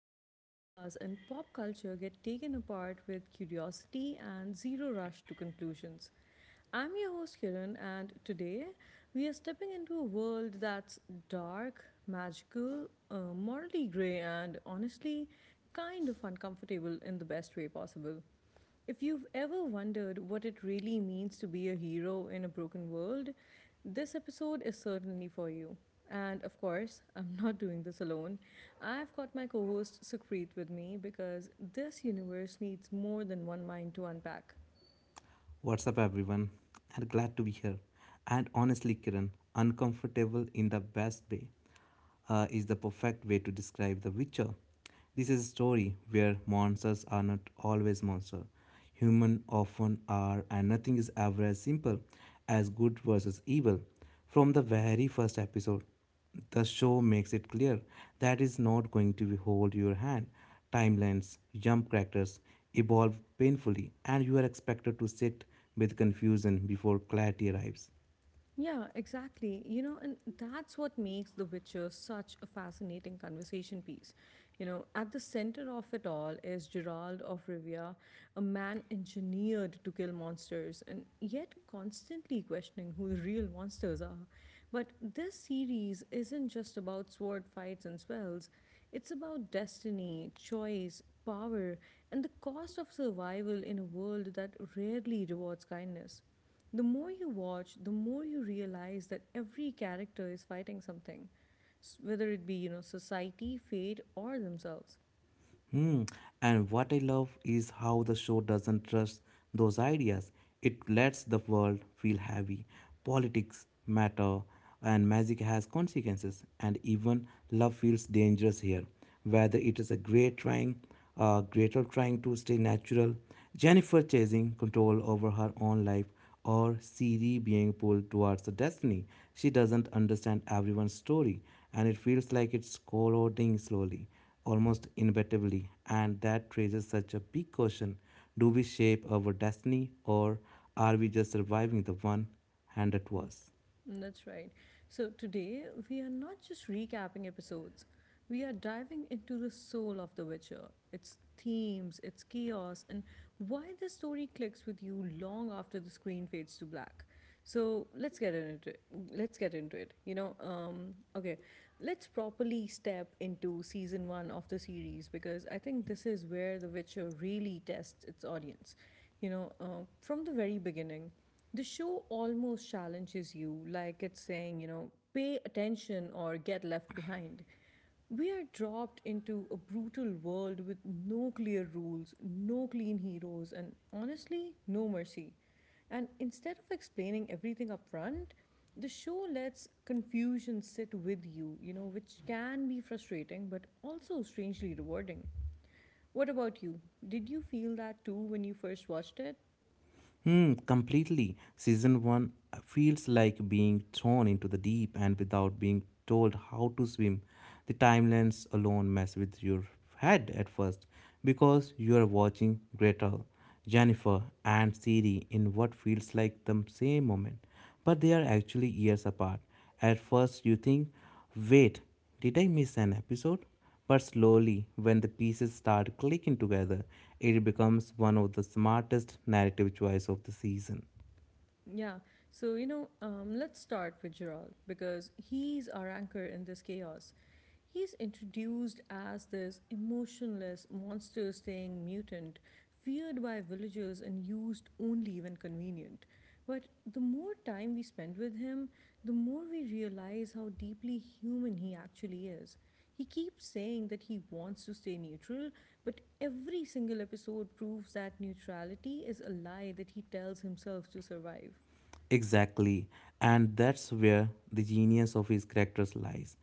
ideas, and pop culture get taken apart with curiosity and zero rush to conclusions. I'm your host Kiran, and today we are stepping into a world that's dark, magical, morally grey, and honestly kind of uncomfortable in the best way possible. If you've ever wondered what it really means to be a hero in a broken world, this episode is certainly for you. And of course, I'm not doing this alone. I've got my co host Sukrit with me because this universe needs more than one mind to unpack. What's up, everyone? And glad to be here. And honestly, Kiran, uncomfortable in the best way is the perfect way to describe The Witcher. This is a story where monsters are not always monsters. Human often are, and nothing is ever as simple as good versus evil. From the very first episode, the show makes it clear that it's not going to hold your hand. Timelines, jump characters evolve painfully, and you are expected to sit with confusion before clarity arrives. Yeah, exactly. And that's what makes The Witcher such a fascinating conversation piece. At the center of it all is Gerald of Rivia, a man engineered to kill monsters and yet constantly questioning who the real monsters are. But this series isn't just about sword fights and spells, it's about destiny, choice, power, and the cost of survival in a world that rarely rewards kindness. The more you watch, the more you realize that every character is fighting something, whether it be, society, fate, or themselves. Hmm. And what I love is how the show doesn't trust those ideas. It lets the world feel heavy. Politics matter, and magic has consequences. And even love feels dangerous here. Whether it is a greater trying to stay natural, Jennifer chasing control over her own life, or Siri being pulled towards the destiny. She doesn't understand everyone's story, and it feels like it's corroding slowly, almost inevitably, and that raises such a big question. Do we shape our destiny, or are we just surviving the one handed to us? That's right. So today we are not just recapping episodes. We are diving into the soul of The Witcher, its themes, its chaos, and why the story clicks with you long after the screen fades to black. So let's get into it. Let's get into it. Okay, let's properly step into season one of the series because I think this is where The Witcher really tests its audience. From the very beginning the show almost challenges you, like it's saying, pay attention or get left behind. We are dropped into a brutal world with no clear rules, no clean heroes, and honestly, no mercy. And instead of explaining everything up front, the show lets confusion sit with you, which can be frustrating but also strangely rewarding. What about you? Did you feel that too when you first watched it? Hmm, completely. Season 1 feels like being thrown into the deep and without being told how to swim. The timelines alone mess with your head at first because you are watching Gretel, Jennifer, and Siri in what feels like the same moment, but they are actually years apart. At first, you think, wait, did I miss an episode? But slowly, when the pieces start clicking together, it becomes one of the smartest narrative choices of the season. Yeah. So, let's start with Gerald because he's our anchor in this chaos. He's introduced as this emotionless, monster staying mutant, feared by villagers and used only when convenient. But the more time we spend with him, the more we realize how deeply human he actually is. He keeps saying that he wants to stay neutral, but every single episode proves that neutrality is a lie that he tells himself to survive. Exactly, and that's where the genius of his characters lies.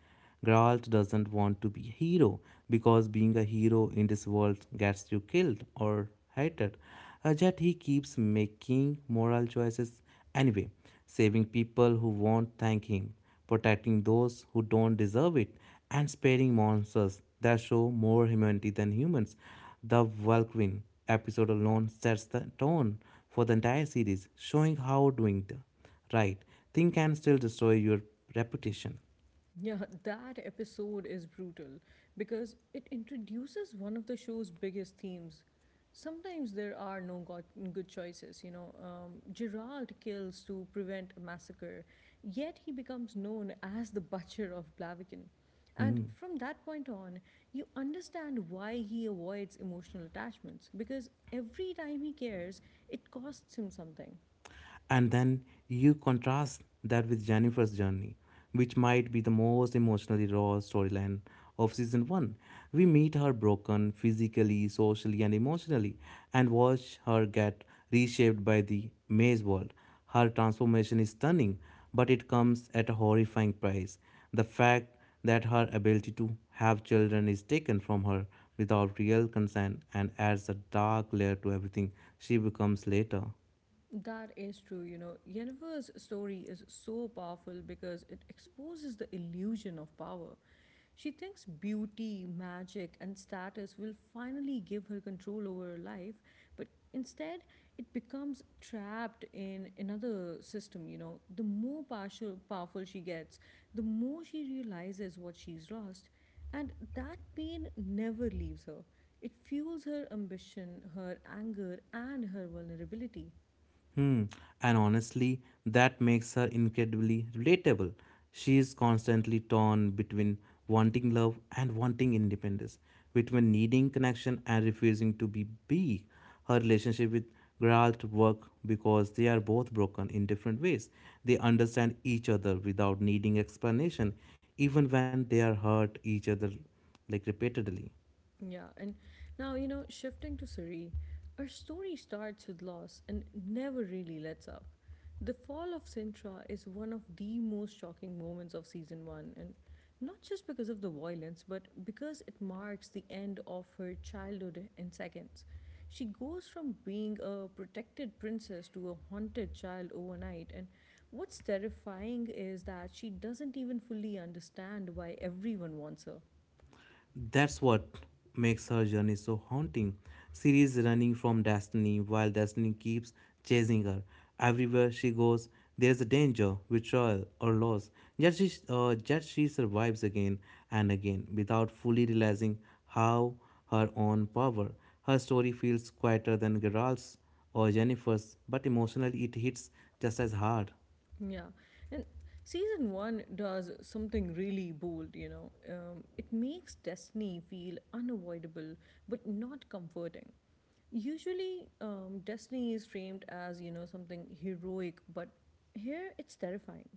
Geralt doesn't want to be a hero because being a hero in this world gets you killed or hated. Yet he keeps making moral choices anyway, saving people who won't thank him, protecting those who don't deserve it, and sparing monsters that show more humanity than humans. The Vulcan episode alone sets the tone for the entire series, showing how doing the right thing can still destroy your reputation. Yeah, that episode is brutal because it introduces one of the show's biggest themes. Sometimes there are no good choices, Gerald kills to prevent a massacre, yet he becomes known as the butcher of Blaviken. And Hmm. from that point on, you understand why he avoids emotional attachments because every time he cares, it costs him something. And then you contrast that with Jennifer's journey, which might be the most emotionally raw storyline of season 1. We meet her broken physically, socially, and emotionally, and watch her get reshaped by the maze world. Her transformation is stunning, but it comes at a horrifying price. The fact that her ability to have children is taken from her without real consent and adds a dark layer to everything she becomes later. That is true. You know, Yennefer's story is so powerful because it exposes the illusion of power. She thinks beauty, magic, and status will finally give her control over her life, but instead, it becomes trapped in another system. The more partial, powerful she gets, the more she realizes what she's lost. And that pain never leaves her. It fuels her ambition, her anger, and her vulnerability. Hmm. And honestly, that makes her incredibly relatable. She is constantly torn between wanting love and wanting independence, between needing connection and refusing to be. Her relationship with Geralt work because they are both broken in different ways. They understand each other without needing explanation, even when they are hurt each other like repeatedly. Yeah, and now, shifting to Suri, our story starts with loss and never really lets up. The fall of Sintra is one of the most shocking moments of season one, and not just because of the violence, but because it marks the end of her childhood in seconds. She goes from being a protected princess to a haunted child overnight, and what's terrifying is that she doesn't even fully understand why everyone wants her. That's what makes her journey so haunting. She is running from destiny while destiny keeps chasing her. Everywhere she goes, there's a danger, betrayal, or loss. Yet she survives again and again without fully realizing how her own power. Her story feels quieter than Geralt's or Jennifer's, but emotionally it hits just as hard. Yeah. And season one does something really bold, it makes destiny feel unavoidable, but not comforting. Usually, destiny is framed as, something heroic, but here it's terrifying.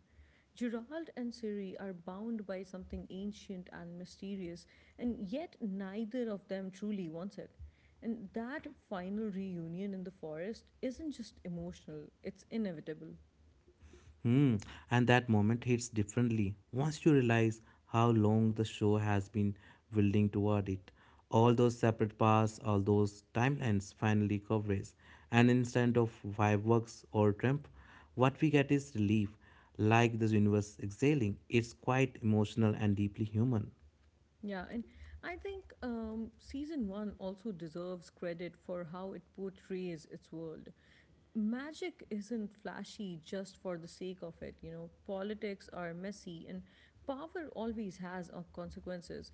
Gerald and Siri are bound by something ancient and mysterious, and yet neither of them truly wants it. And that final reunion in the forest isn't just emotional, it's inevitable. Hmm, and that moment hits differently once you realize how long the show has been building toward it. All those separate paths, all those timelines finally converge, and instead of fireworks or triumph, what we get is relief, like the universe exhaling. It's quite emotional and deeply human. Yeah, and I think season one also deserves credit for how it portrays its world. Magic isn't flashy just for the sake of it, politics are messy, and power always has consequences.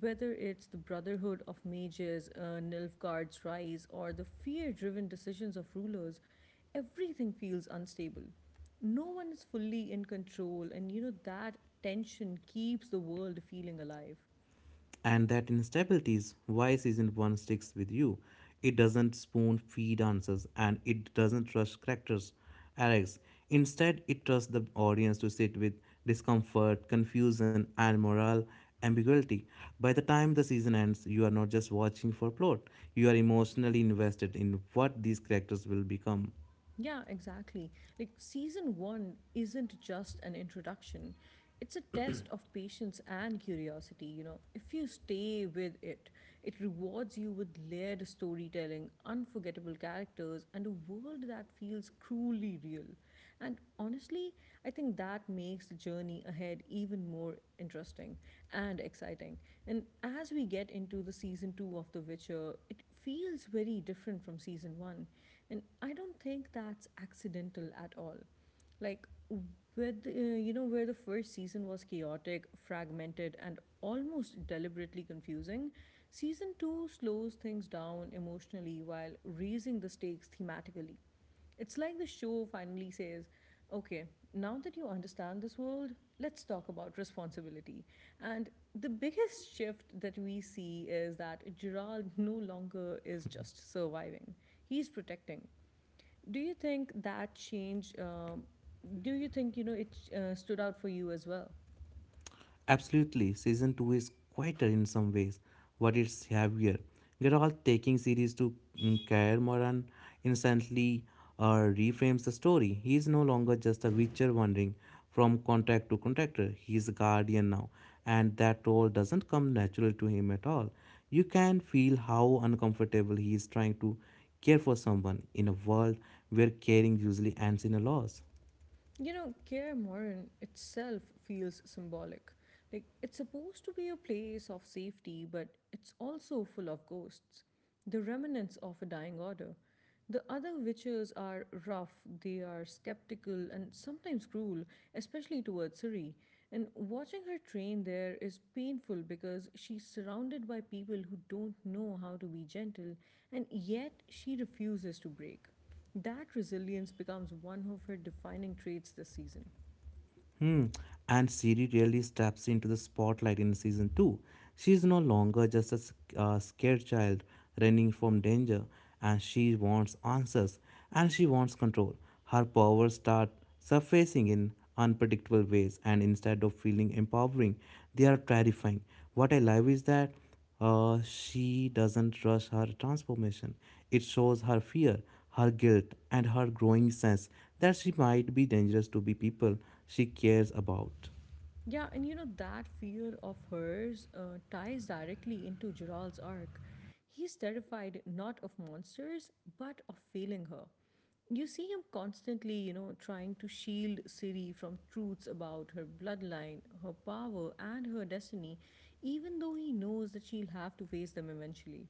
Whether it's the Brotherhood of Mages, Nilfgaard's rise, or the fear driven decisions of rulers, everything feels unstable. No one is fully in control, and you know that tension keeps the world feeling alive. And that instability is why season 1 sticks with you. It doesn't spoon feed answers and it doesn't rush characters' arcs. Instead, it trusts the audience to sit with discomfort, confusion, and moral ambiguity. By the time the season ends, you are not just watching for plot, you are emotionally invested in what these characters will become. Yeah, exactly. Like season one isn't just an introduction, it's a test of patience and curiosity. You know, if you stay with it, it rewards you with layered storytelling, unforgettable characters, and a world that feels cruelly real. And honestly, I think that makes the journey ahead even more interesting and exciting. And as we get into the season two of The Witcher, it feels very different from season one. And I don't think that's accidental at all, like, with you know where the first season was chaotic fragmented and almost deliberately confusing, season 2 slows things down emotionally while raising the stakes thematically. It's like the show finally says, okay, now that you understand this world, let's talk about responsibility. And the biggest shift that we see is that Gerald no longer is just surviving, he's protecting. Do you think that change? Do you think it stood out for you as well? Absolutely, season 2 is quieter in some ways, but it's heavier. They're all taking series to Kair Moran instantly reframes the story. He is no longer just a witcher wandering from contract to contractor. He is a guardian now, and that role doesn't come natural to him at all. You can feel how uncomfortable he is trying to care for someone in a world where caring usually ends in a loss. You know, Kaer Morhen itself feels symbolic. Like, it's supposed to be a place of safety, but it's also full of ghosts, the remnants of a dying order. The other witches are rough, they are skeptical, and sometimes cruel, especially towards Siri. And watching her train there is painful because she's surrounded by people who don't know how to be gentle, and yet she refuses to break. That resilience becomes one of her defining traits this season. Hmm. And Siri really steps into the spotlight in season 2. She is no longer just a scared child running from danger, and she wants answers and she wants control. Her powers start surfacing in unpredictable ways, and instead of feeling empowering, they are terrifying. What I love is that she doesn't rush her transformation. It shows her fear, her guilt, and her growing sense that she might be dangerous to the people she cares about. Yeah, and you know, that fear of hers ties directly into Gerald's arc. He's terrified not of monsters, but of failing her. You see him constantly, trying to shield Ciri from truths about her bloodline, her power, and her destiny, even though he knows that she'll have to face them eventually.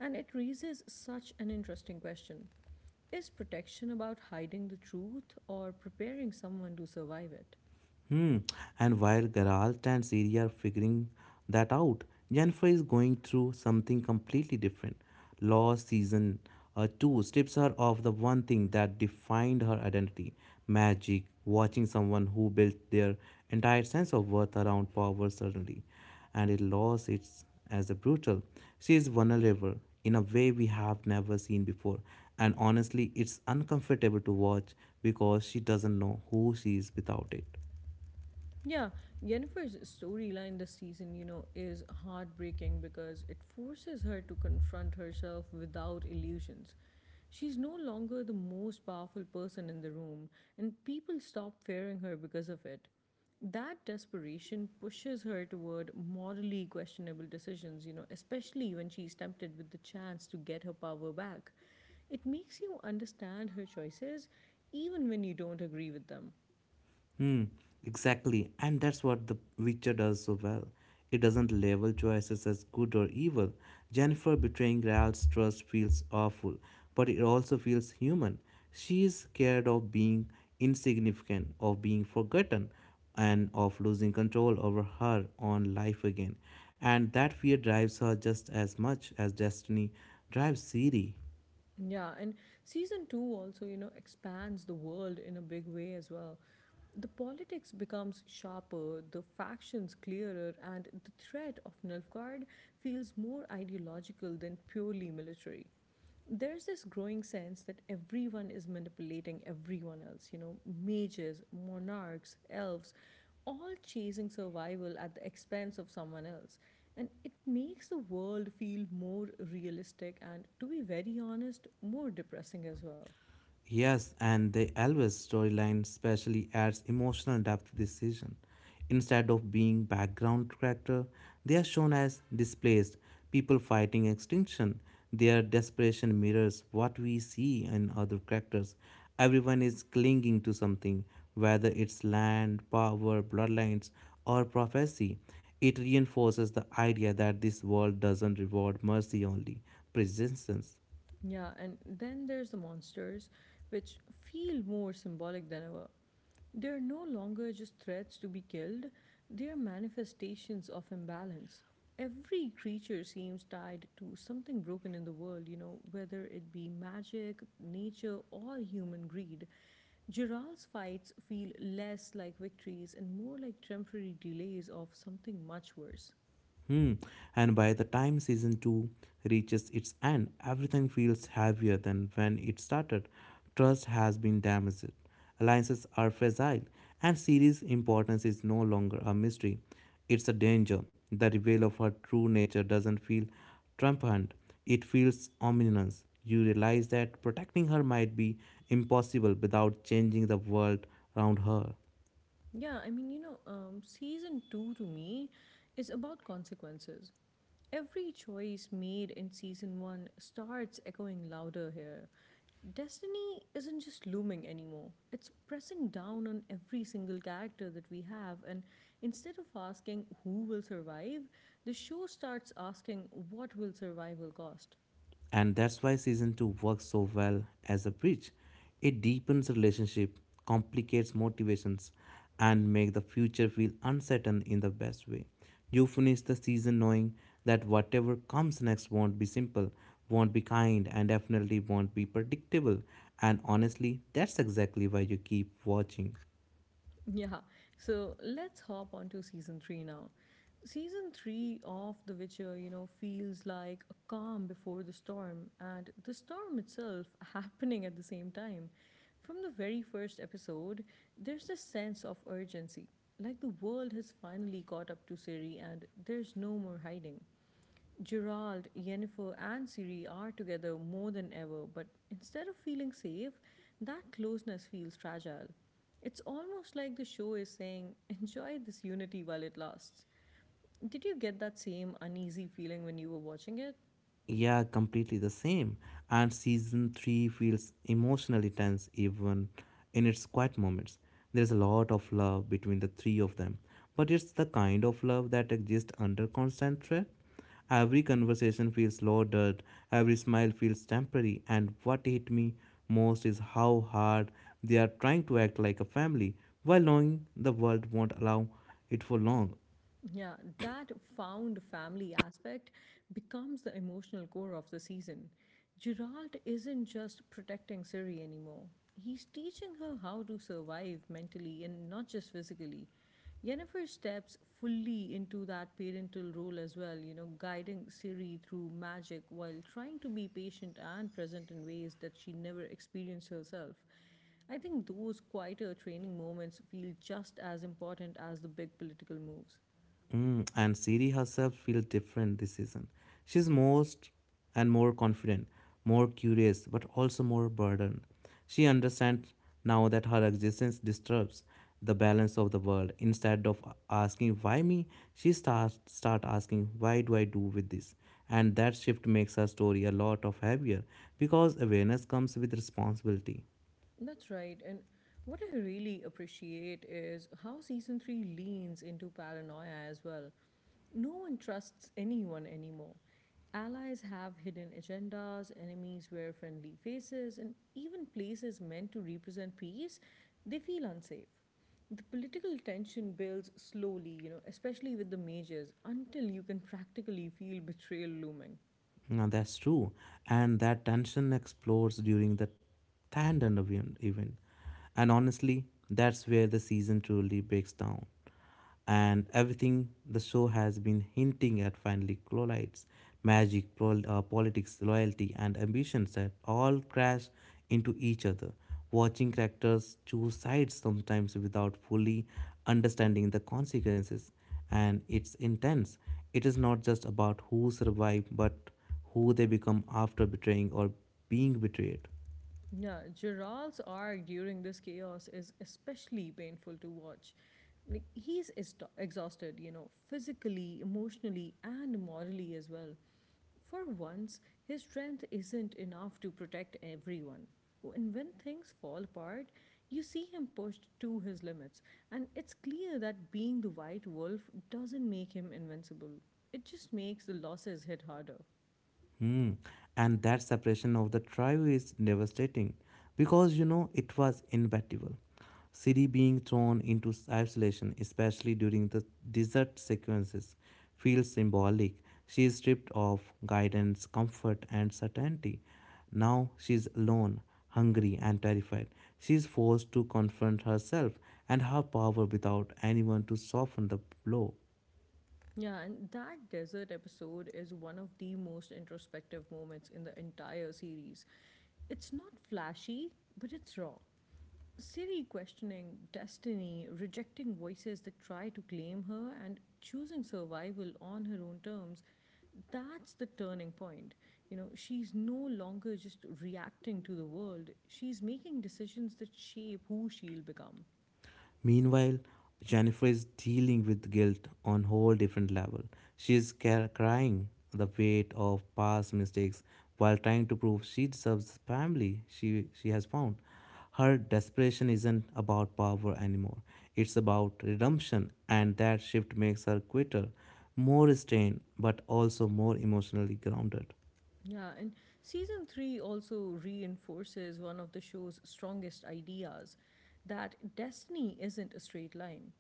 And it raises such an interesting question. Is protection about hiding the truth or preparing someone to survive it? Hmm. And while Geralt and Ciri are figuring that out, Jennifer is going through something completely different. Lost season 2 strips her of the one thing that defined her identity magic, watching someone who built their entire sense of worth around power suddenly. And it lost its as a brutal. She is vulnerable in a way we have never seen before. And honestly, it's uncomfortable to watch because she doesn't know who she is without it. Yeah, Yennefer's storyline this season, is heartbreaking because it forces her to confront herself without illusions. She's no longer the most powerful person in the room, and people stop fearing her because of it. That desperation pushes her toward morally questionable decisions, especially when she's tempted with the chance to get her power back. It makes you understand her choices even when you don't agree with them. Hmm, exactly. And that's what The Witcher does so well. It doesn't label choices as good or evil. Jennifer betraying Geralt's trust feels awful, but it also feels human. She is scared of being insignificant, of being forgotten, and of losing control over her own life again. And that fear drives her just as much as destiny drives Siri. Yeah, and season two also, expands the world in a big way as well. The politics becomes sharper, the factions clearer, and the threat of Nilfgaard feels more ideological than purely military. There's this growing sense that everyone is manipulating everyone else, mages, monarchs, elves, all chasing survival at the expense of someone else. And it makes the world feel more realistic and, to be very honest, more depressing as well. Yes, and the Elvis storyline especially adds emotional depth to this season. Instead of being background character, they are shown as displaced people fighting extinction. Their desperation mirrors what we see in other characters. Everyone is clinging to something, whether it's land, power, bloodlines, or prophecy. It reinforces the idea that this world doesn't reward mercy only, presence. Yeah, and then there's the monsters, which feel more symbolic than ever. They're no longer just threats to be killed, they're manifestations of imbalance. Every creature seems tied to something broken in the world, whether it be magic, nature, or human greed. Gerald's fights feel less like victories and more like temporary delays of something much worse. Hmm. And by the time season 2 reaches its end, everything feels heavier than when it started. Trust has been damaged, alliances are fragile, and series importance is no longer a mystery. It's a danger. The reveal of her true nature doesn't feel triumphant, it feels ominous. You realize that protecting her might be impossible without changing the world around her. Yeah, season two to me is about consequences. Every choice made in season one starts echoing louder here. Destiny isn't just looming anymore, it's pressing down on every single character that we have. And instead of asking who will survive, the show starts asking what will survival cost. And that's why season 2 works so well as a bridge. It deepens relationship, complicates motivations, and make the future feel uncertain in the best way. You finish the season knowing that whatever comes next won't be simple, won't be kind, and definitely won't be predictable. And honestly, that's exactly why you keep watching. Yeah, so let's hop on to season three now. Season three of The Witcher, feels like a calm before the storm, and the storm itself happening at the same time. From the very first episode, there's this sense of urgency, like the world has finally caught up to Siri and there's no more hiding. Gerald, Yennefer, and Ciri are together more than ever, but instead of feeling safe, that closeness feels fragile. It's almost like the show is saying, enjoy this unity while it lasts. Did you get that same uneasy feeling when you were watching it? Yeah, completely the same. And season 3 feels emotionally tense even in its quiet moments. There's a lot of love between the three of them, but it's the kind of love that exists under constant threat. Every conversation feels loaded, every smile feels temporary, and what hit me most is how hard they are trying to act like a family while knowing the world won't allow it for long. Yeah, that found family aspect becomes the emotional core of the season. Gerald isn't just protecting Siri anymore. He's teaching her how to survive mentally and not just physically. Yennefer steps fully into that parental role as well, guiding Siri through magic while trying to be patient and present in ways that she never experienced herself. I think those quieter training moments feel just as important as the big political moves. Mm, and Siri herself feels different this season. She's most and more confident, more curious, but also more burdened. She understands now that her existence disturbs the balance of the world. Instead of asking why me, she starts start asking why do I do with this? And that shift makes her story a lot of heavier because awareness comes with responsibility. That's right. And what I really appreciate is how season three leans into paranoia as well. No one trusts anyone anymore. Allies have hidden agendas, enemies wear friendly faces, and even places meant to represent peace, they feel unsafe. The political tension builds slowly, you know, especially with the majors, until you can practically feel betrayal looming. No, that's true. And that tension explodes during the tandem event. And honestly, that's where the season truly breaks down. And everything the show has been hinting at finally collides. Magic, politics, loyalty, and ambitions that all crash into each other. Watching characters choose sides sometimes without fully understanding the consequences. And it's intense. It is not just about who survived, but who they become after betraying or being betrayed. Yeah, Gerald's arc during this chaos is especially painful to watch. Like he's exhausted, you know, physically, emotionally, and morally as well. For once, his strength isn't enough to protect everyone. And when things fall apart, you see him pushed to his limits, and it's clear that being the white wolf doesn't make him invincible. It just makes the losses hit harder. Hmm. And that separation of the trio is devastating because you know it was inevitable. Siri being thrown into isolation, especially during the desert sequences, feels symbolic. She is stripped of guidance, comfort, and certainty. Now she is alone, hungry, and terrified. She is forced to confront herself and her power without anyone to soften the blow. Yeah, and that desert episode is one of the most introspective moments in the entire series. It's not flashy, but it's raw. Siri questioning destiny, rejecting voices that try to claim her, and choosing survival on her own terms. That's the turning point. You know, she's no longer just reacting to the world, she's making decisions that shape who she'll become. Meanwhile, Jennifer is dealing with guilt on a whole different level. She is crying the weight of past mistakes while trying to prove she deserves the family she has found. Her desperation isn't about power anymore. It's about redemption, and that shift makes her quitter, more restrained, but also more emotionally grounded. Yeah, and season three also reinforces one of the show's strongest ideas that destiny isn't a straight line.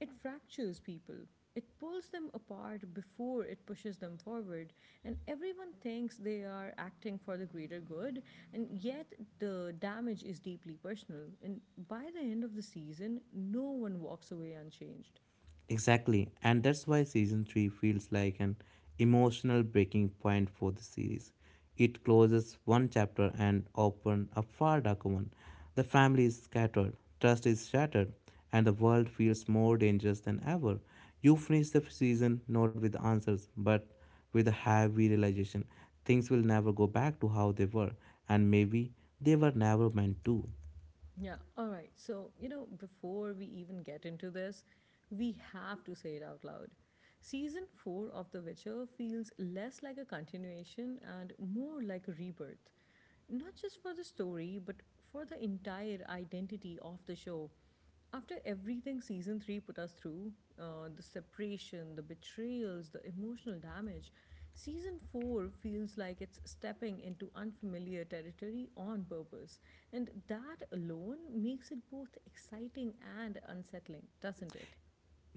It fractures people, it pulls them apart before it pushes them forward, and everyone thinks they are acting for the greater good, and yet the damage is deeply personal. And by the end of the season, no one walks away unchanged. Exactly, and that's why season 3 feels like an emotional breaking point for the series. It closes one chapter and opens a far darker one. The family is scattered, trust is shattered, and the world feels more dangerous than ever. You finish the season not with answers, but with a heavy realization things will never go back to how they were, and maybe they were never meant to. Yeah. All right. So, you know, before we even get into this, we have to say it out loud. Season 4 of The Witcher feels less like a continuation and more like a rebirth. Not just for the story, but for the entire identity of the show. After everything season three put us through the separation, the betrayals, the emotional damage, season four feels like it's stepping into unfamiliar territory on purpose. And that alone makes it both exciting and unsettling, doesn't it?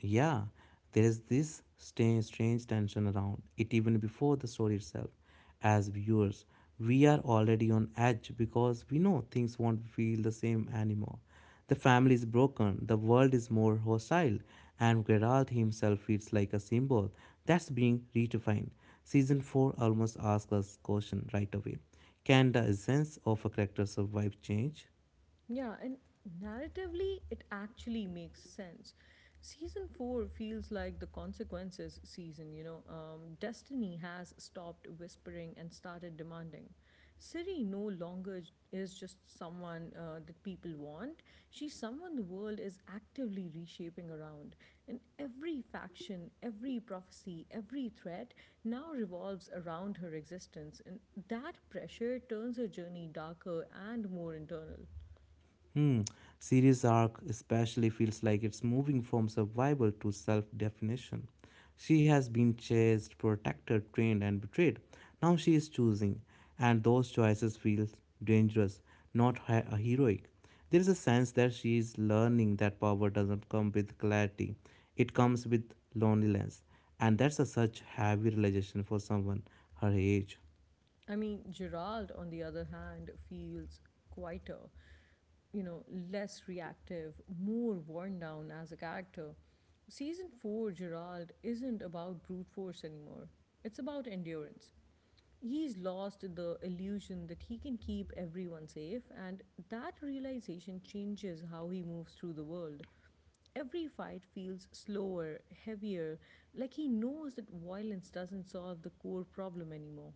Yeah, there is this strange tension around it even before the story itself. As viewers, we are already on edge because we know things won't feel the same anymore. The family is broken, the world is more hostile, and Geralt himself feels like a symbol that's being redefined. Season 4 almost asks us question right away. Can the essence of a character survive change? Yeah, and narratively, it actually makes sense. Season 4 feels like the consequences season, you know. Destiny has stopped whispering and started demanding. Ciri no longer is just someone that people want, she's someone the world is actively reshaping around. And every faction, every prophecy, every threat now revolves around her existence. And that pressure turns her journey darker and more internal. Hmm, series arc especially feels like it's moving from survival to self definition. She has been chased, protected, trained, and betrayed. Now she is choosing, and those choices feel dangerous, not heroic. There is a sense that she is learning that power doesn't come with clarity, it comes with loneliness, and that's a such heavy realization for someone her age. I mean, Gerald, on the other hand, feels quieter, you know, less reactive, more worn down as a character. Season 4, Gerald, isn't about brute force anymore, it's about endurance. He's lost the illusion that he can keep everyone safe, and that realization changes how he moves through the world. Every fight feels slower, heavier, like he knows that violence doesn't solve the core problem anymore.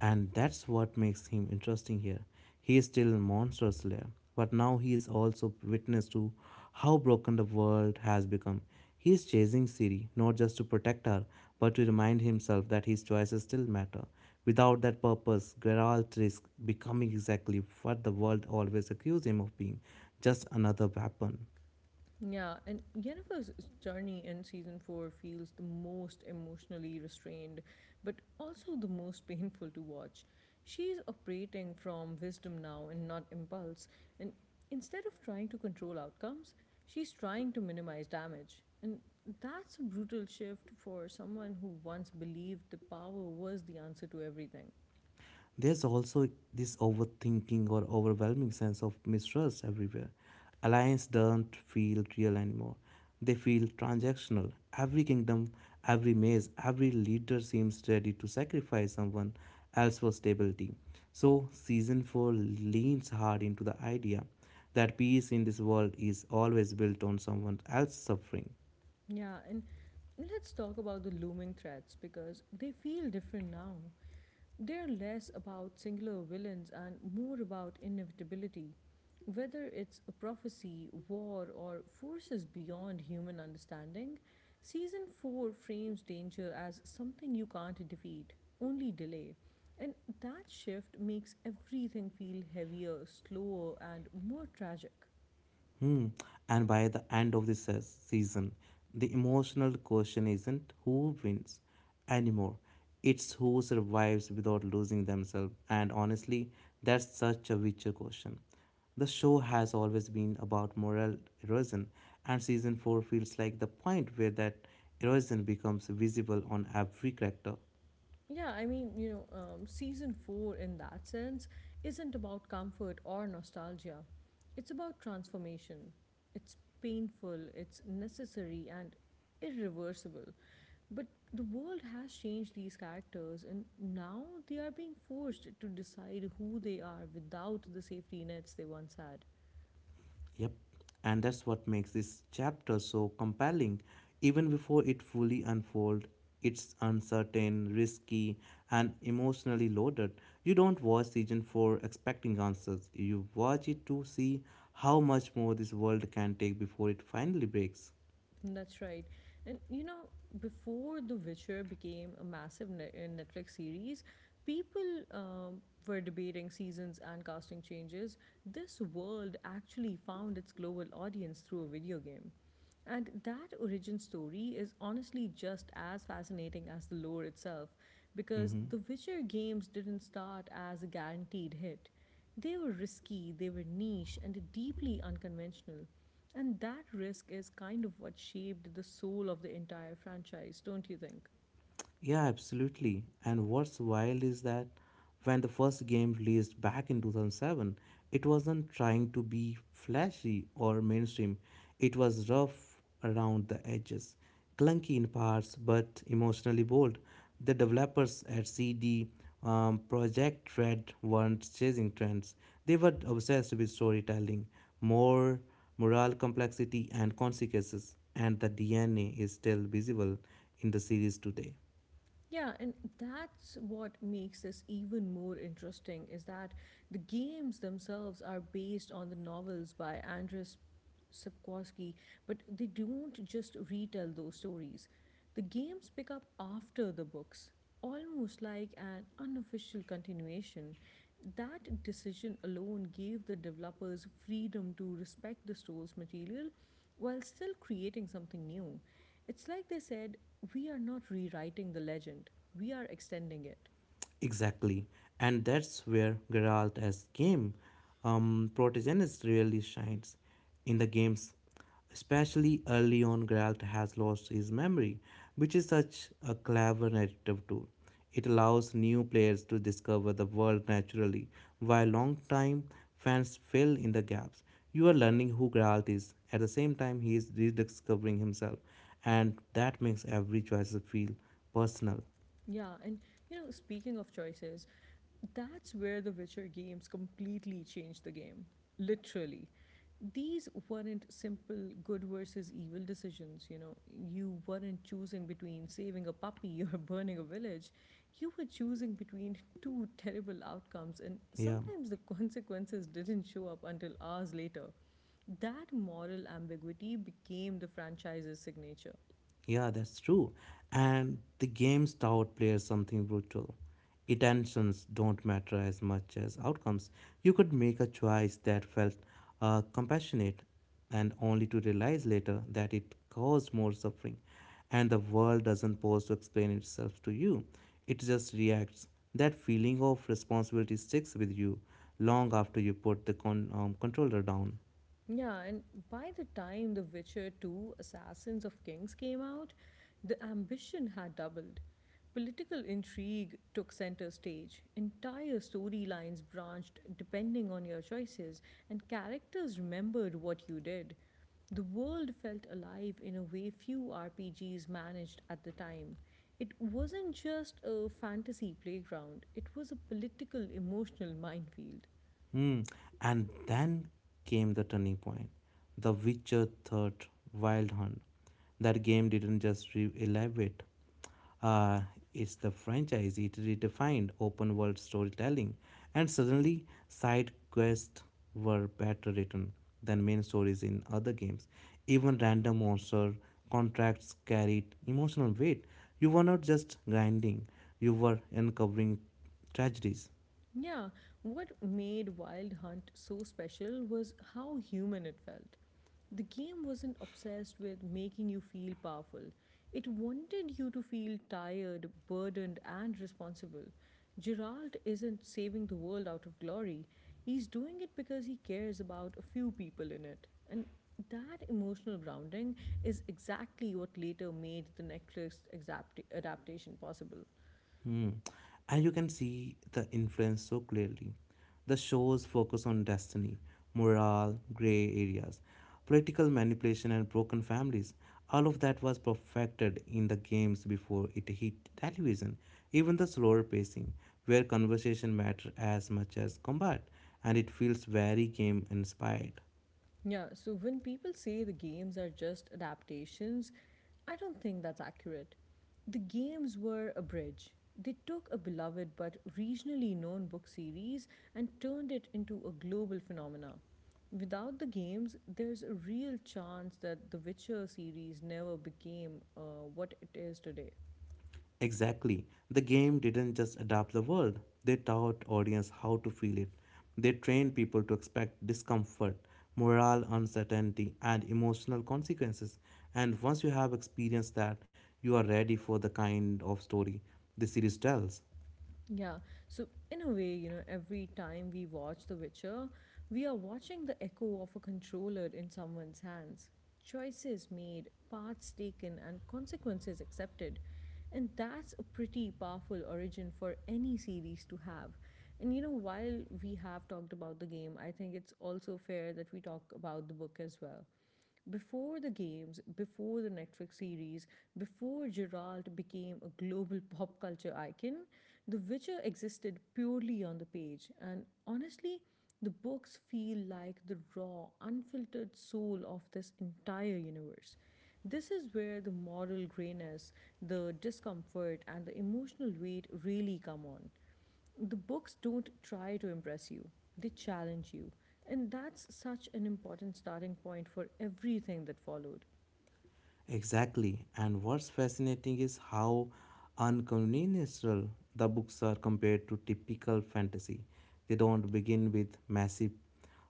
And that's what makes him interesting here. He is still a monster slayer, but now he is also witness to how broken the world has become. He is chasing Siri not just to protect her, but to remind himself that his choices still matter. Without that purpose, Geralt risks becoming exactly what the world always accused him of being just another weapon. Yeah, and Yennefer's journey in season four feels the most emotionally restrained, but also the most painful to watch. She's operating from wisdom now and not impulse, and instead of trying to control outcomes, she's trying to minimize damage. And that's a brutal shift for someone who once believed the power was the answer to everything. There's also this overthinking or overwhelming sense of mistrust everywhere. Alliance don't feel real anymore. They feel transactional. Every kingdom, every maze, every leader seems ready to sacrifice someone else for stability. So, season 4 leans hard into the idea that peace in this world is always built on someone else's suffering. Yeah, and let's talk about the looming threats because they feel different now. They are less about singular villains and more about inevitability, whether it's a prophecy, war, or forces beyond human understanding. Season 4 frames danger as something you can't defeat, only delay. And that shift makes everything feel heavier, slower, and more tragic. Hmm. And by the end of the season, the emotional question isn't who wins anymore, it's who survives without losing themselves. And honestly, that's such a Witcher question. The show has always been about moral erosion, and season 4 feels like the point where that erosion becomes visible on every character. Yeah, I mean, you know, season four in that sense isn't about comfort or nostalgia. It's about transformation. It's painful, it's necessary, and irreversible. But the world has changed these characters, and now they are being forced to decide who they are without the safety nets they once had. Yep, and that's what makes this chapter so compelling. Even before it fully unfolds, it's uncertain, risky, and emotionally loaded. You don't watch season 4 expecting answers. You watch it to see how much more this world can take before it finally breaks. That's right. And you know, before The Witcher became a massive Netflix series, people were debating seasons and casting changes. This world actually found its global audience through a video game. And that origin story is honestly just as fascinating as the lore itself, because Hmm The Witcher games didn't start as a guaranteed hit. They were risky, they were niche, and deeply unconventional. And that risk is kind of what shaped the soul of the entire franchise, don't you think? Yeah, absolutely. And what's wild is that when the first game released back in 2007, it wasn't trying to be flashy or mainstream. It was rough around the edges, clunky in parts, but emotionally bold. The developers at CD Project Red weren't chasing trends, they were obsessed with storytelling, more moral complexity, and consequences. And the DNA is still visible in the series today. Yeah, and that's what makes this even more interesting is that the games themselves are based on the novels by Andrzej Sapkowski, but they don't just retell those stories. The games pick up after the books, almost like an unofficial continuation. That decision alone gave the developers freedom to respect the source material while still creating something new. It's like they said, we are not rewriting the legend, we are extending it. Exactly, and that's where Geralt as game protagonist really shines in the games. Especially early on, Geralt has lost his memory, which is such a clever narrative tool. It allows new players to discover the world naturally, while long-time fans fill in the gaps. You are learning who Geralt is. At the same time, he is rediscovering himself, and that makes every choice feel personal. Yeah, and you know, speaking of choices, that's where the Witcher games completely changed the game. Literally. These weren't simple good versus evil decisions, you know. You weren't choosing between saving a puppy or burning a village. You were choosing between two terrible outcomes, and Yeah. sometimes the consequences didn't show up until hours later. That moral ambiguity became the franchise's signature. Yeah, that's true. And the games taught players something brutal. Intentions don't matter as much as outcomes. You could make a choice that felt compassionate and only to realize later that it caused more suffering. And the world doesn't pause to explain itself to you, it just reacts. That feeling of responsibility sticks with you long after you put the controller down. Yeah, and by the time The Witcher 2 Assassins of Kings came out, the ambition had doubled. Political intrigue took center stage. Entire storylines branched depending on your choices, and characters remembered what you did. The world felt alive in a way few RPGs managed at the time. It wasn't just a fantasy playground, it was a political, emotional minefield. Hmm. And then came the turning point The Witcher 3rd Wild Hunt. That game didn't just uh, it's the franchise. It redefined open world storytelling, and suddenly side quests were better written than main stories in other games. Even random monster contracts carried emotional weight. You were not just grinding, you were uncovering tragedies. Yeah, what made Wild Hunt so special was how human it felt. The game wasn't obsessed with making you feel powerful, it wanted you to feel tired, burdened, and responsible. Gerald isn't saving the world out of glory, he's doing it because he cares about a few people in it. And that emotional grounding is exactly what later made the Netflix adaptation possible. Hmm. And you can see the influence so clearly. The shows focus on destiny, morale, grey areas, political manipulation, and broken families. All of that was perfected in the games before it hit television. Even the slower pacing, where conversation matter as much as combat, and it feels very game inspired. Yeah, so when people say the games are just adaptations, I don't think that's accurate. The games were a bridge. They took a beloved but regionally known book series and turned it into a global phenomena. Without the games, there's a real chance that the Witcher series never became what it is today. Exactly. The game didn't just adapt the world, they taught audience how to feel it. They trained people to expect discomfort, moral uncertainty, and emotional consequences. And once you have experienced that, you are ready for the kind of story the series tells. Yeah. So, in a way, you know, every time we watch The Witcher, we are watching the echo of a controller in someone's hands. Choices made, paths taken, and consequences accepted. And that's a pretty powerful origin for any series to have. And, you know, while we have talked about the game, I think it's also fair that we talk about the book as well. Before the games, before the Netflix series, before Geralt became a global pop culture icon, The Witcher existed purely on the page. And honestly, the books feel like the raw, unfiltered soul of this entire universe. This is where the moral grayness, the discomfort, and the emotional weight really come on. The books don't try to impress you, they challenge you. And that's such an important starting point for everything that followed. Exactly. And what's fascinating is how unconventional the books are compared to typical fantasy. They don't begin with massive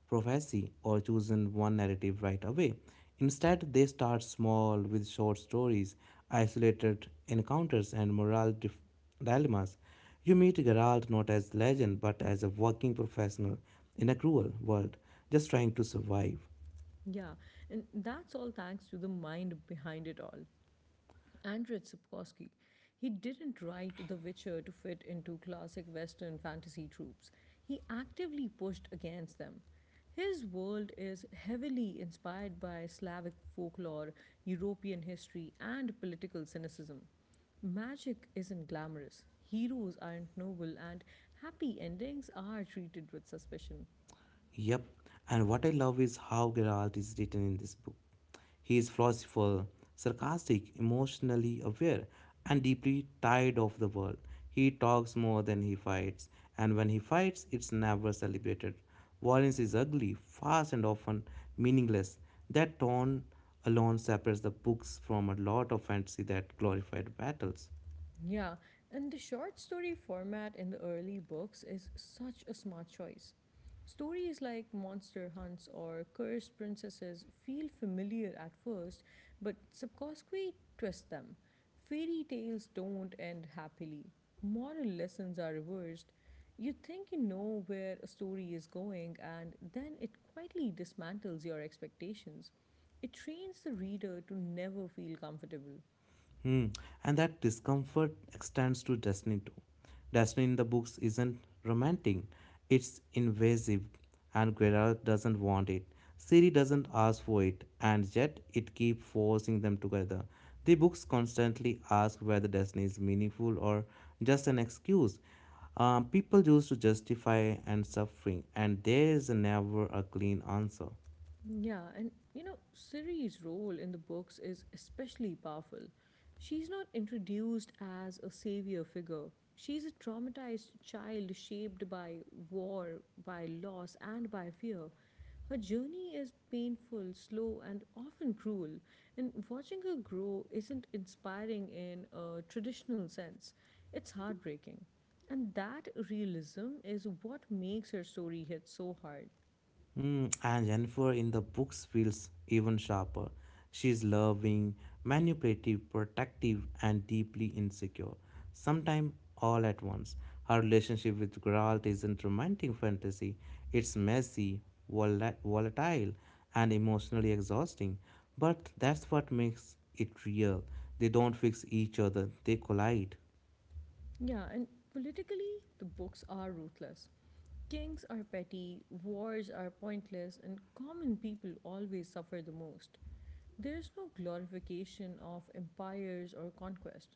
prophecy or chosen one narrative right away. Instead, they start small with short stories, isolated encounters, and dilemmas. You meet Geralt not as legend but as a working professional in a cruel world, just trying to survive. Yeah, and that's all thanks to the mind behind it all. Andrzej Sapkowski. He didn't write The Witcher to fit into classic Western fantasy tropes. He actively pushed against them. His world is heavily inspired by Slavic folklore, European history, and political cynicism. Magic isn't glamorous, heroes aren't noble, and happy endings are treated with suspicion. Yep, and what I love is how Geralt is written in this book. He is philosophical, sarcastic, emotionally aware, and deeply tired of the world. He talks more than he fights, and when he fights, it's never celebrated. Violence is ugly, fast, and often meaningless. That tone alone separates the books from a lot of fantasy that glorified battles. Yeah, and the short story format in the early books is such a smart choice. Stories like Monster Hunts or Cursed Princesses feel familiar at first, but subsequently twist them. Fairy tales don't end happily, moral lessons are reversed. You think you know where a story is going, and then it quietly dismantles your expectations. It trains the reader to never feel comfortable. Hmm. And that discomfort extends to destiny too. Destiny in the books isn't romantic, it's invasive, and Guerrero doesn't want it. Siri doesn't ask for it, and yet it keeps forcing them together. The books constantly ask whether destiny is meaningful or just an excuse. People used to justify and suffering, and there is never a clean answer. Yeah, and you know, Ciri's role in the books is especially powerful. She's not introduced as a savior figure. She's a traumatized child shaped by war, by loss, and by fear. Her journey is painful, slow, and often cruel, and watching her grow isn't inspiring in a traditional sense. It's heartbreaking. And that realism is what makes her story hit so hard. Mm, and Jennifer in the books feels even sharper. She's loving, manipulative, protective, and deeply insecure. Sometimes all at once. Her relationship with Geralt isn't romantic fantasy, it's messy, volatile, and emotionally exhausting. But that's what makes it real. They don't fix each other, they collide. Yeah, and politically, the books are ruthless. Kings are petty, wars are pointless, and common people always suffer the most. There's no glorification of empires or conquest.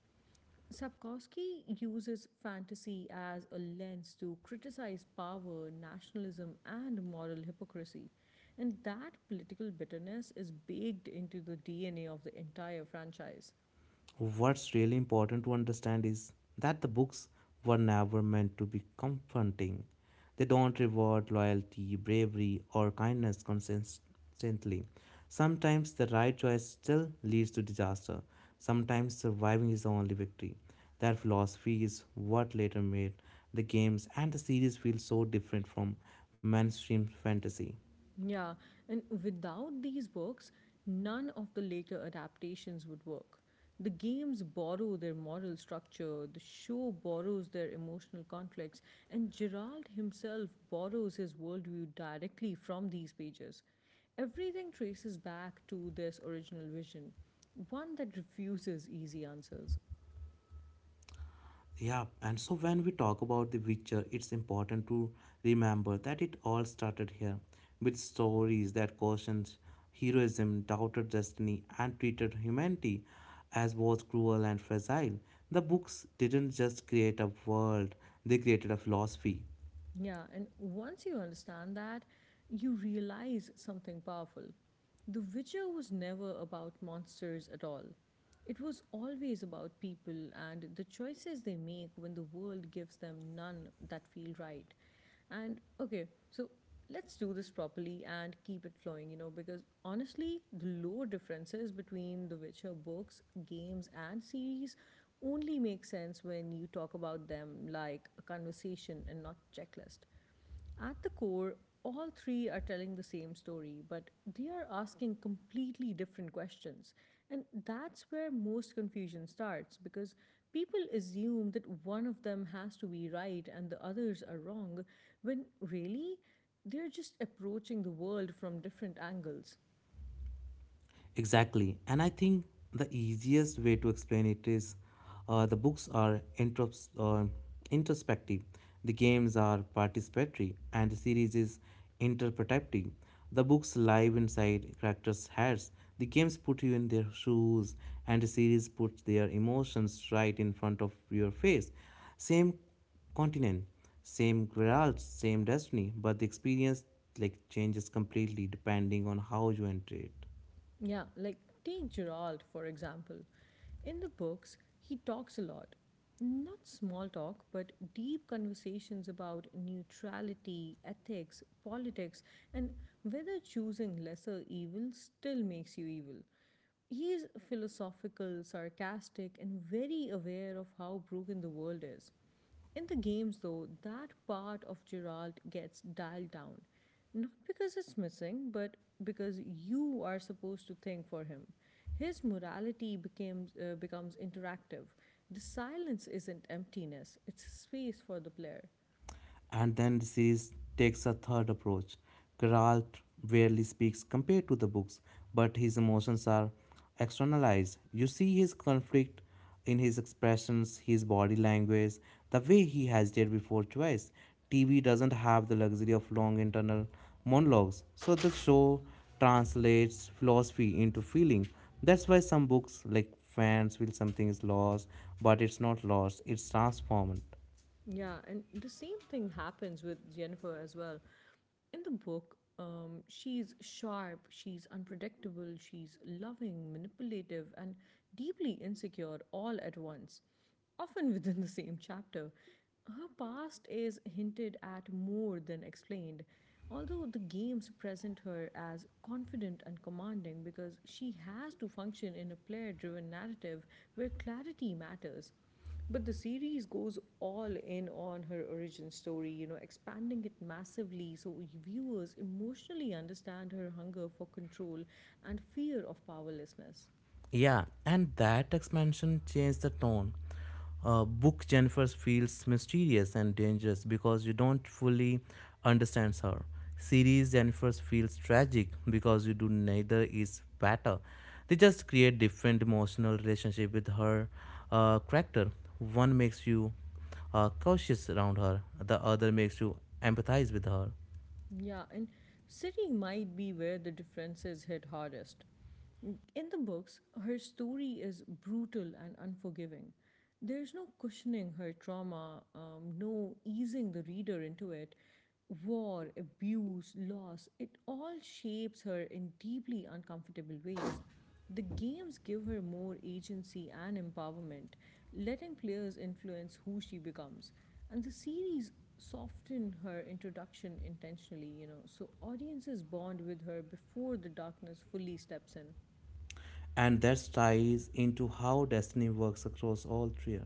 Sapkowski uses fantasy as a lens to criticize power, nationalism, and moral hypocrisy. And that political bitterness is baked into the DNA of the entire franchise. What's really important to understand is that the books were never meant to be comforting. They don't reward loyalty, bravery, or kindness consistently. Sometimes the right choice still leads to disaster. Sometimes surviving is the only victory. That philosophy is what later made the games and the series feel so different from mainstream fantasy. Yeah, and without these works, none of the later adaptations would work. The games borrow their moral structure, the show borrows their emotional conflicts, and Gerald himself borrows his worldview directly from these pages. Everything traces back to this original vision, one that refuses easy answers. Yeah, and so when we talk about The Witcher, it's important to remember that it all started here with stories that questioned heroism, doubted destiny, and treated humanity as both cruel and fragile. The books didn't just create a world, they created a philosophy. Yeah, and once you understand that, you realize something powerful. The Witcher was never about monsters at all. It was always about people and the choices they make when the world gives them none that feel right. And okay, so let's do this properly and keep it flowing, you know, because honestly, the lore differences between The Witcher books, games, and series only make sense when you talk about them like a conversation and not checklist. At the core, all three are telling the same story, but they are asking completely different questions. And that's where most confusion starts because people assume that one of them has to be right and the others are wrong, when really, they're just approaching the world from different angles. Exactly. And I think the easiest way to explain it is the books are introspective, the games are participatory, and the series is interpretative. The books live inside characters' heads, the games put you in their shoes, and the series puts their emotions right in front of your face. Same continent, same grants, same destiny, but the experience like changes completely depending on how you enter it. Yeah, like take Gerald, for example. In the books, he talks a lot. Not small talk, but deep conversations about neutrality, ethics, politics, and whether choosing lesser evil still makes you evil. He is philosophical, sarcastic, and very aware of how broken the world is. In the games, though, that part of Gerald gets dialed down. Not because it's missing, but because you are supposed to think for him. His morality becomes interactive. The silence isn't emptiness, it's space for the player. And then the series takes a third approach. Geralt rarely speaks compared to the books, but his emotions are externalized. You see his conflict in his expressions, his body language, the way he hesitated before choice. TV doesn't have the luxury of long internal monologues, so the show translates philosophy into feeling. That's why some books, like fans, feel something is lost, but it's not lost, it's transformed. Yeah, and the same thing happens with Jennifer as well. In the book, she's sharp, she's unpredictable, she's loving, manipulative, and deeply insecure all at once, often within the same chapter. Her past is hinted at more than explained, although the games present her as confident and commanding because she has to function in a player driven narrative where clarity matters. But the series goes all in on her origin story, you know, expanding it massively so viewers emotionally understand her hunger for control and fear of powerlessness. Yeah, and that expansion changed the tone. Book Jennifer feels mysterious and dangerous because you don't fully understand her. Series Jennifer feels tragic because you do neither is better. They just create different emotional relationship with her character. One makes you cautious around her, the other makes you empathize with her. Yeah, and city might be where the differences hit hardest. In the books, her story is brutal and unforgiving. There's no cushioning her trauma, no easing the reader into it. War, abuse, loss, it all shapes her in deeply uncomfortable ways. The games give her more agency and empowerment, letting players influence who she becomes. And the series soften her introduction intentionally, you know, so audiences bond with her before the darkness fully steps in. And that ties into how destiny works across all three.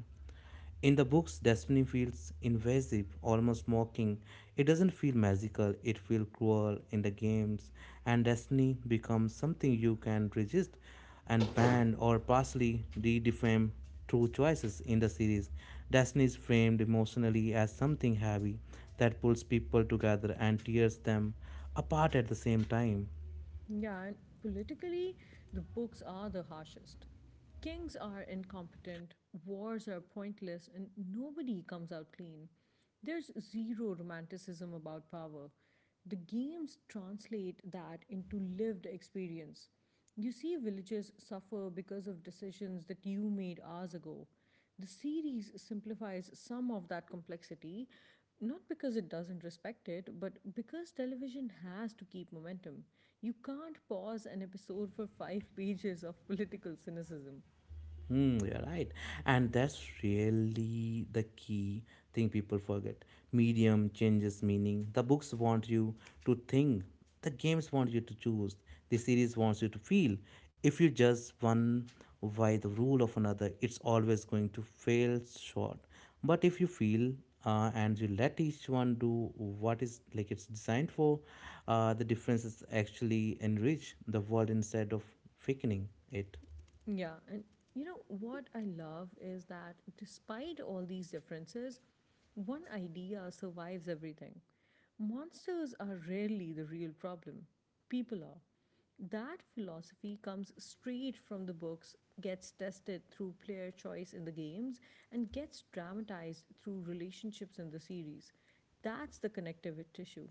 In the books, destiny feels invasive, almost mocking. It doesn't feel magical, it feels cruel in the games, and destiny becomes something you can resist and ban or partially redefine through choices in the series. Destiny is framed emotionally as something heavy that pulls people together and tears them apart at the same time. Yeah, and politically, the books are the harshest. Kings are incompetent, wars are pointless, and nobody comes out clean. There's zero romanticism about power. The games translate that into lived experience. You see villages suffer because of decisions that you made hours ago. The series simplifies some of that complexity, not because it doesn't respect it, but because television has to keep momentum. You can't pause an episode for five pages of political cynicism. Hmm, you're right. And that's really the key thing people forget. Medium changes meaning. The books want you to think, the games want you to choose, the series wants you to feel. If you judge one by the rule of another, it's always going to fail short. But if you feel and you let each one do what is like it's designed for, the differences actually enrich the world instead of weakening it. Yeah, and you know what I love is that despite all these differences, one idea survives everything. Monsters are rarely the real problem, people are. That philosophy comes straight from the books, gets tested through player choice in the games, and gets dramatized through relationships in the series. That's the connective tissue.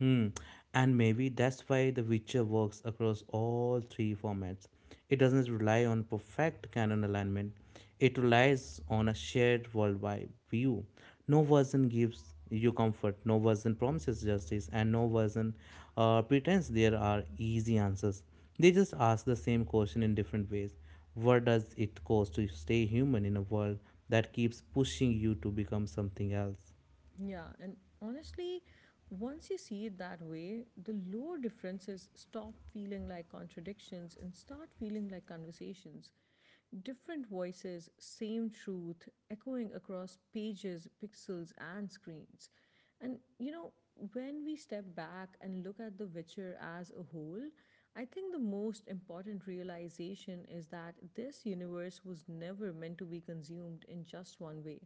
Hmm. And maybe that's why The Witcher works across all three formats. It doesn't rely on perfect canon alignment, it relies on a shared worldwide view. No version gives you comfort, no version promises justice, and no version pretends there are easy answers. They just ask the same question in different ways. What does it cost to stay human in a world that keeps pushing you to become something else? Yeah, and honestly, once you see it that way, the lower differences stop feeling like contradictions and start feeling like conversations. Different voices, same truth, echoing across pages, pixels, and screens. And you know, when we step back and look at The Witcher as a whole, I think the most important realization is that this universe was never meant to be consumed in just one way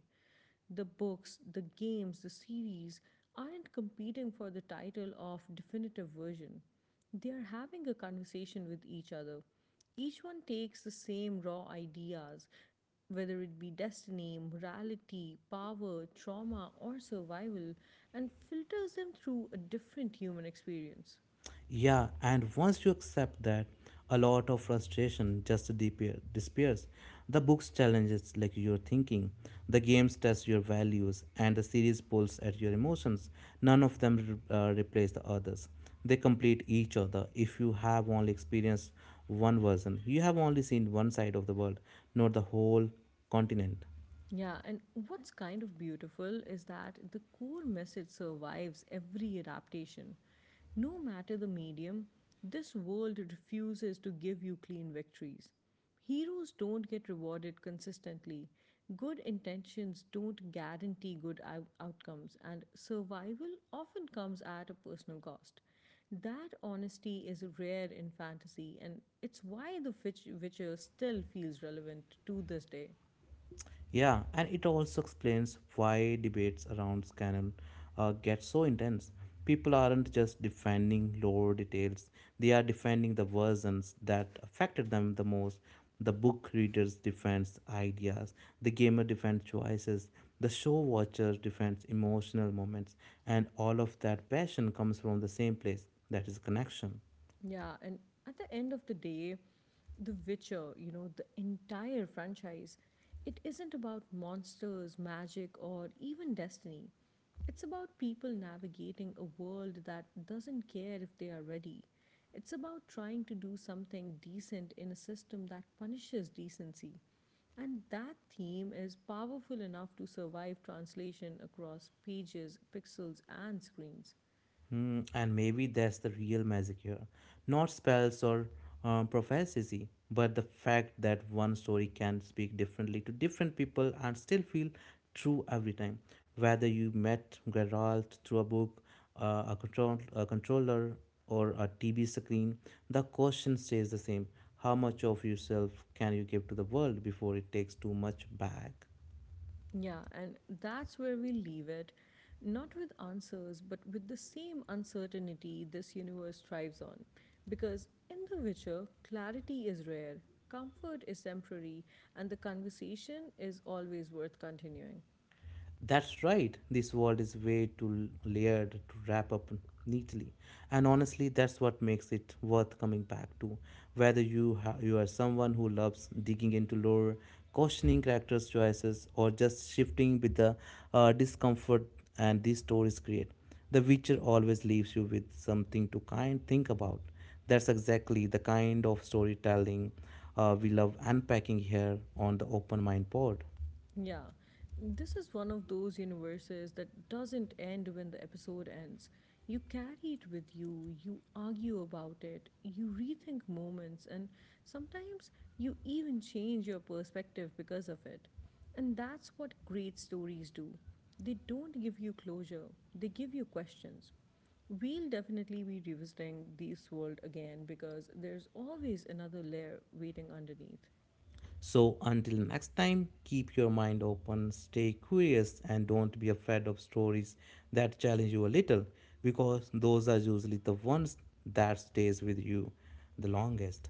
the books, the games, the series aren't competing for the title of definitive version. They are having a conversation with each other. Each one takes the same raw ideas, whether it be destiny, morality, power, trauma, or survival, and filters them through a different human experience. Yeah, and once you accept that, a lot of disappears. The books challenges like your thinking, the games test your values, and the series pulls at your emotions. None of them replace the others. They complete each other. If you have only experienced one version, you have only seen one side of the world, not the whole continent. Yeah, and what's kind of beautiful is that the core message survives every adaptation. No matter the medium, this world refuses to give you clean victories. Heroes don't get rewarded consistently. Good intentions don't guarantee good outcomes, and survival often comes at a personal cost. That honesty is rare in fantasy, and it's why Witcher still feels relevant to this day. Yeah, and it also explains why debates around canon get so intense. People aren't just defending lore details, they are defending the versions that affected them the most. The book readers defends ideas, the gamer defends choices, the show watcher defends emotional moments, and all of that passion comes from the same place that is connection. Yeah, and at the end of the day, The Witcher, you know, the entire franchise, it isn't about monsters, magic, or even destiny. It's about people navigating a world that doesn't care if they are ready. It's about trying to do something decent in a system that punishes decency. And that theme is powerful enough to survive translation across pages, pixels, and screens. Hmm, and maybe that's the real magic here. Not spells or prophecy, but the fact that one story can speak differently to different people and still feel true every time. Whether you met Geralt through a book, a controller, or a TV screen, the question stays the same. How much of yourself can you give to the world before it takes too much back? Yeah, and that's where we leave it. Not with answers, but with the same uncertainty this universe thrives on. Because in The Witcher, clarity is rare, comfort is temporary, and the conversation is always worth continuing. That's right. This world is way too layered to wrap up neatly. And honestly, that's what makes it worth coming back to. Whether you are someone who loves digging into lore, questioning characters' choices, or just shifting with the discomfort and these stories create, The Witcher always leaves you with something to kind think about. That's exactly the kind of storytelling we love unpacking here on the Open Mind Pod. Yeah, this is one of those universes that doesn't end when the episode ends. You carry it with you, you argue about it, you rethink moments, and sometimes you even change your perspective because of it. And that's what great stories do. They don't give you closure, they give you questions. We'll definitely be revisiting this world again because there's always another layer waiting underneath. So, until next time, keep your mind open, stay curious, and don't be afraid of stories that challenge you a little because those are usually the ones that stays with you the longest.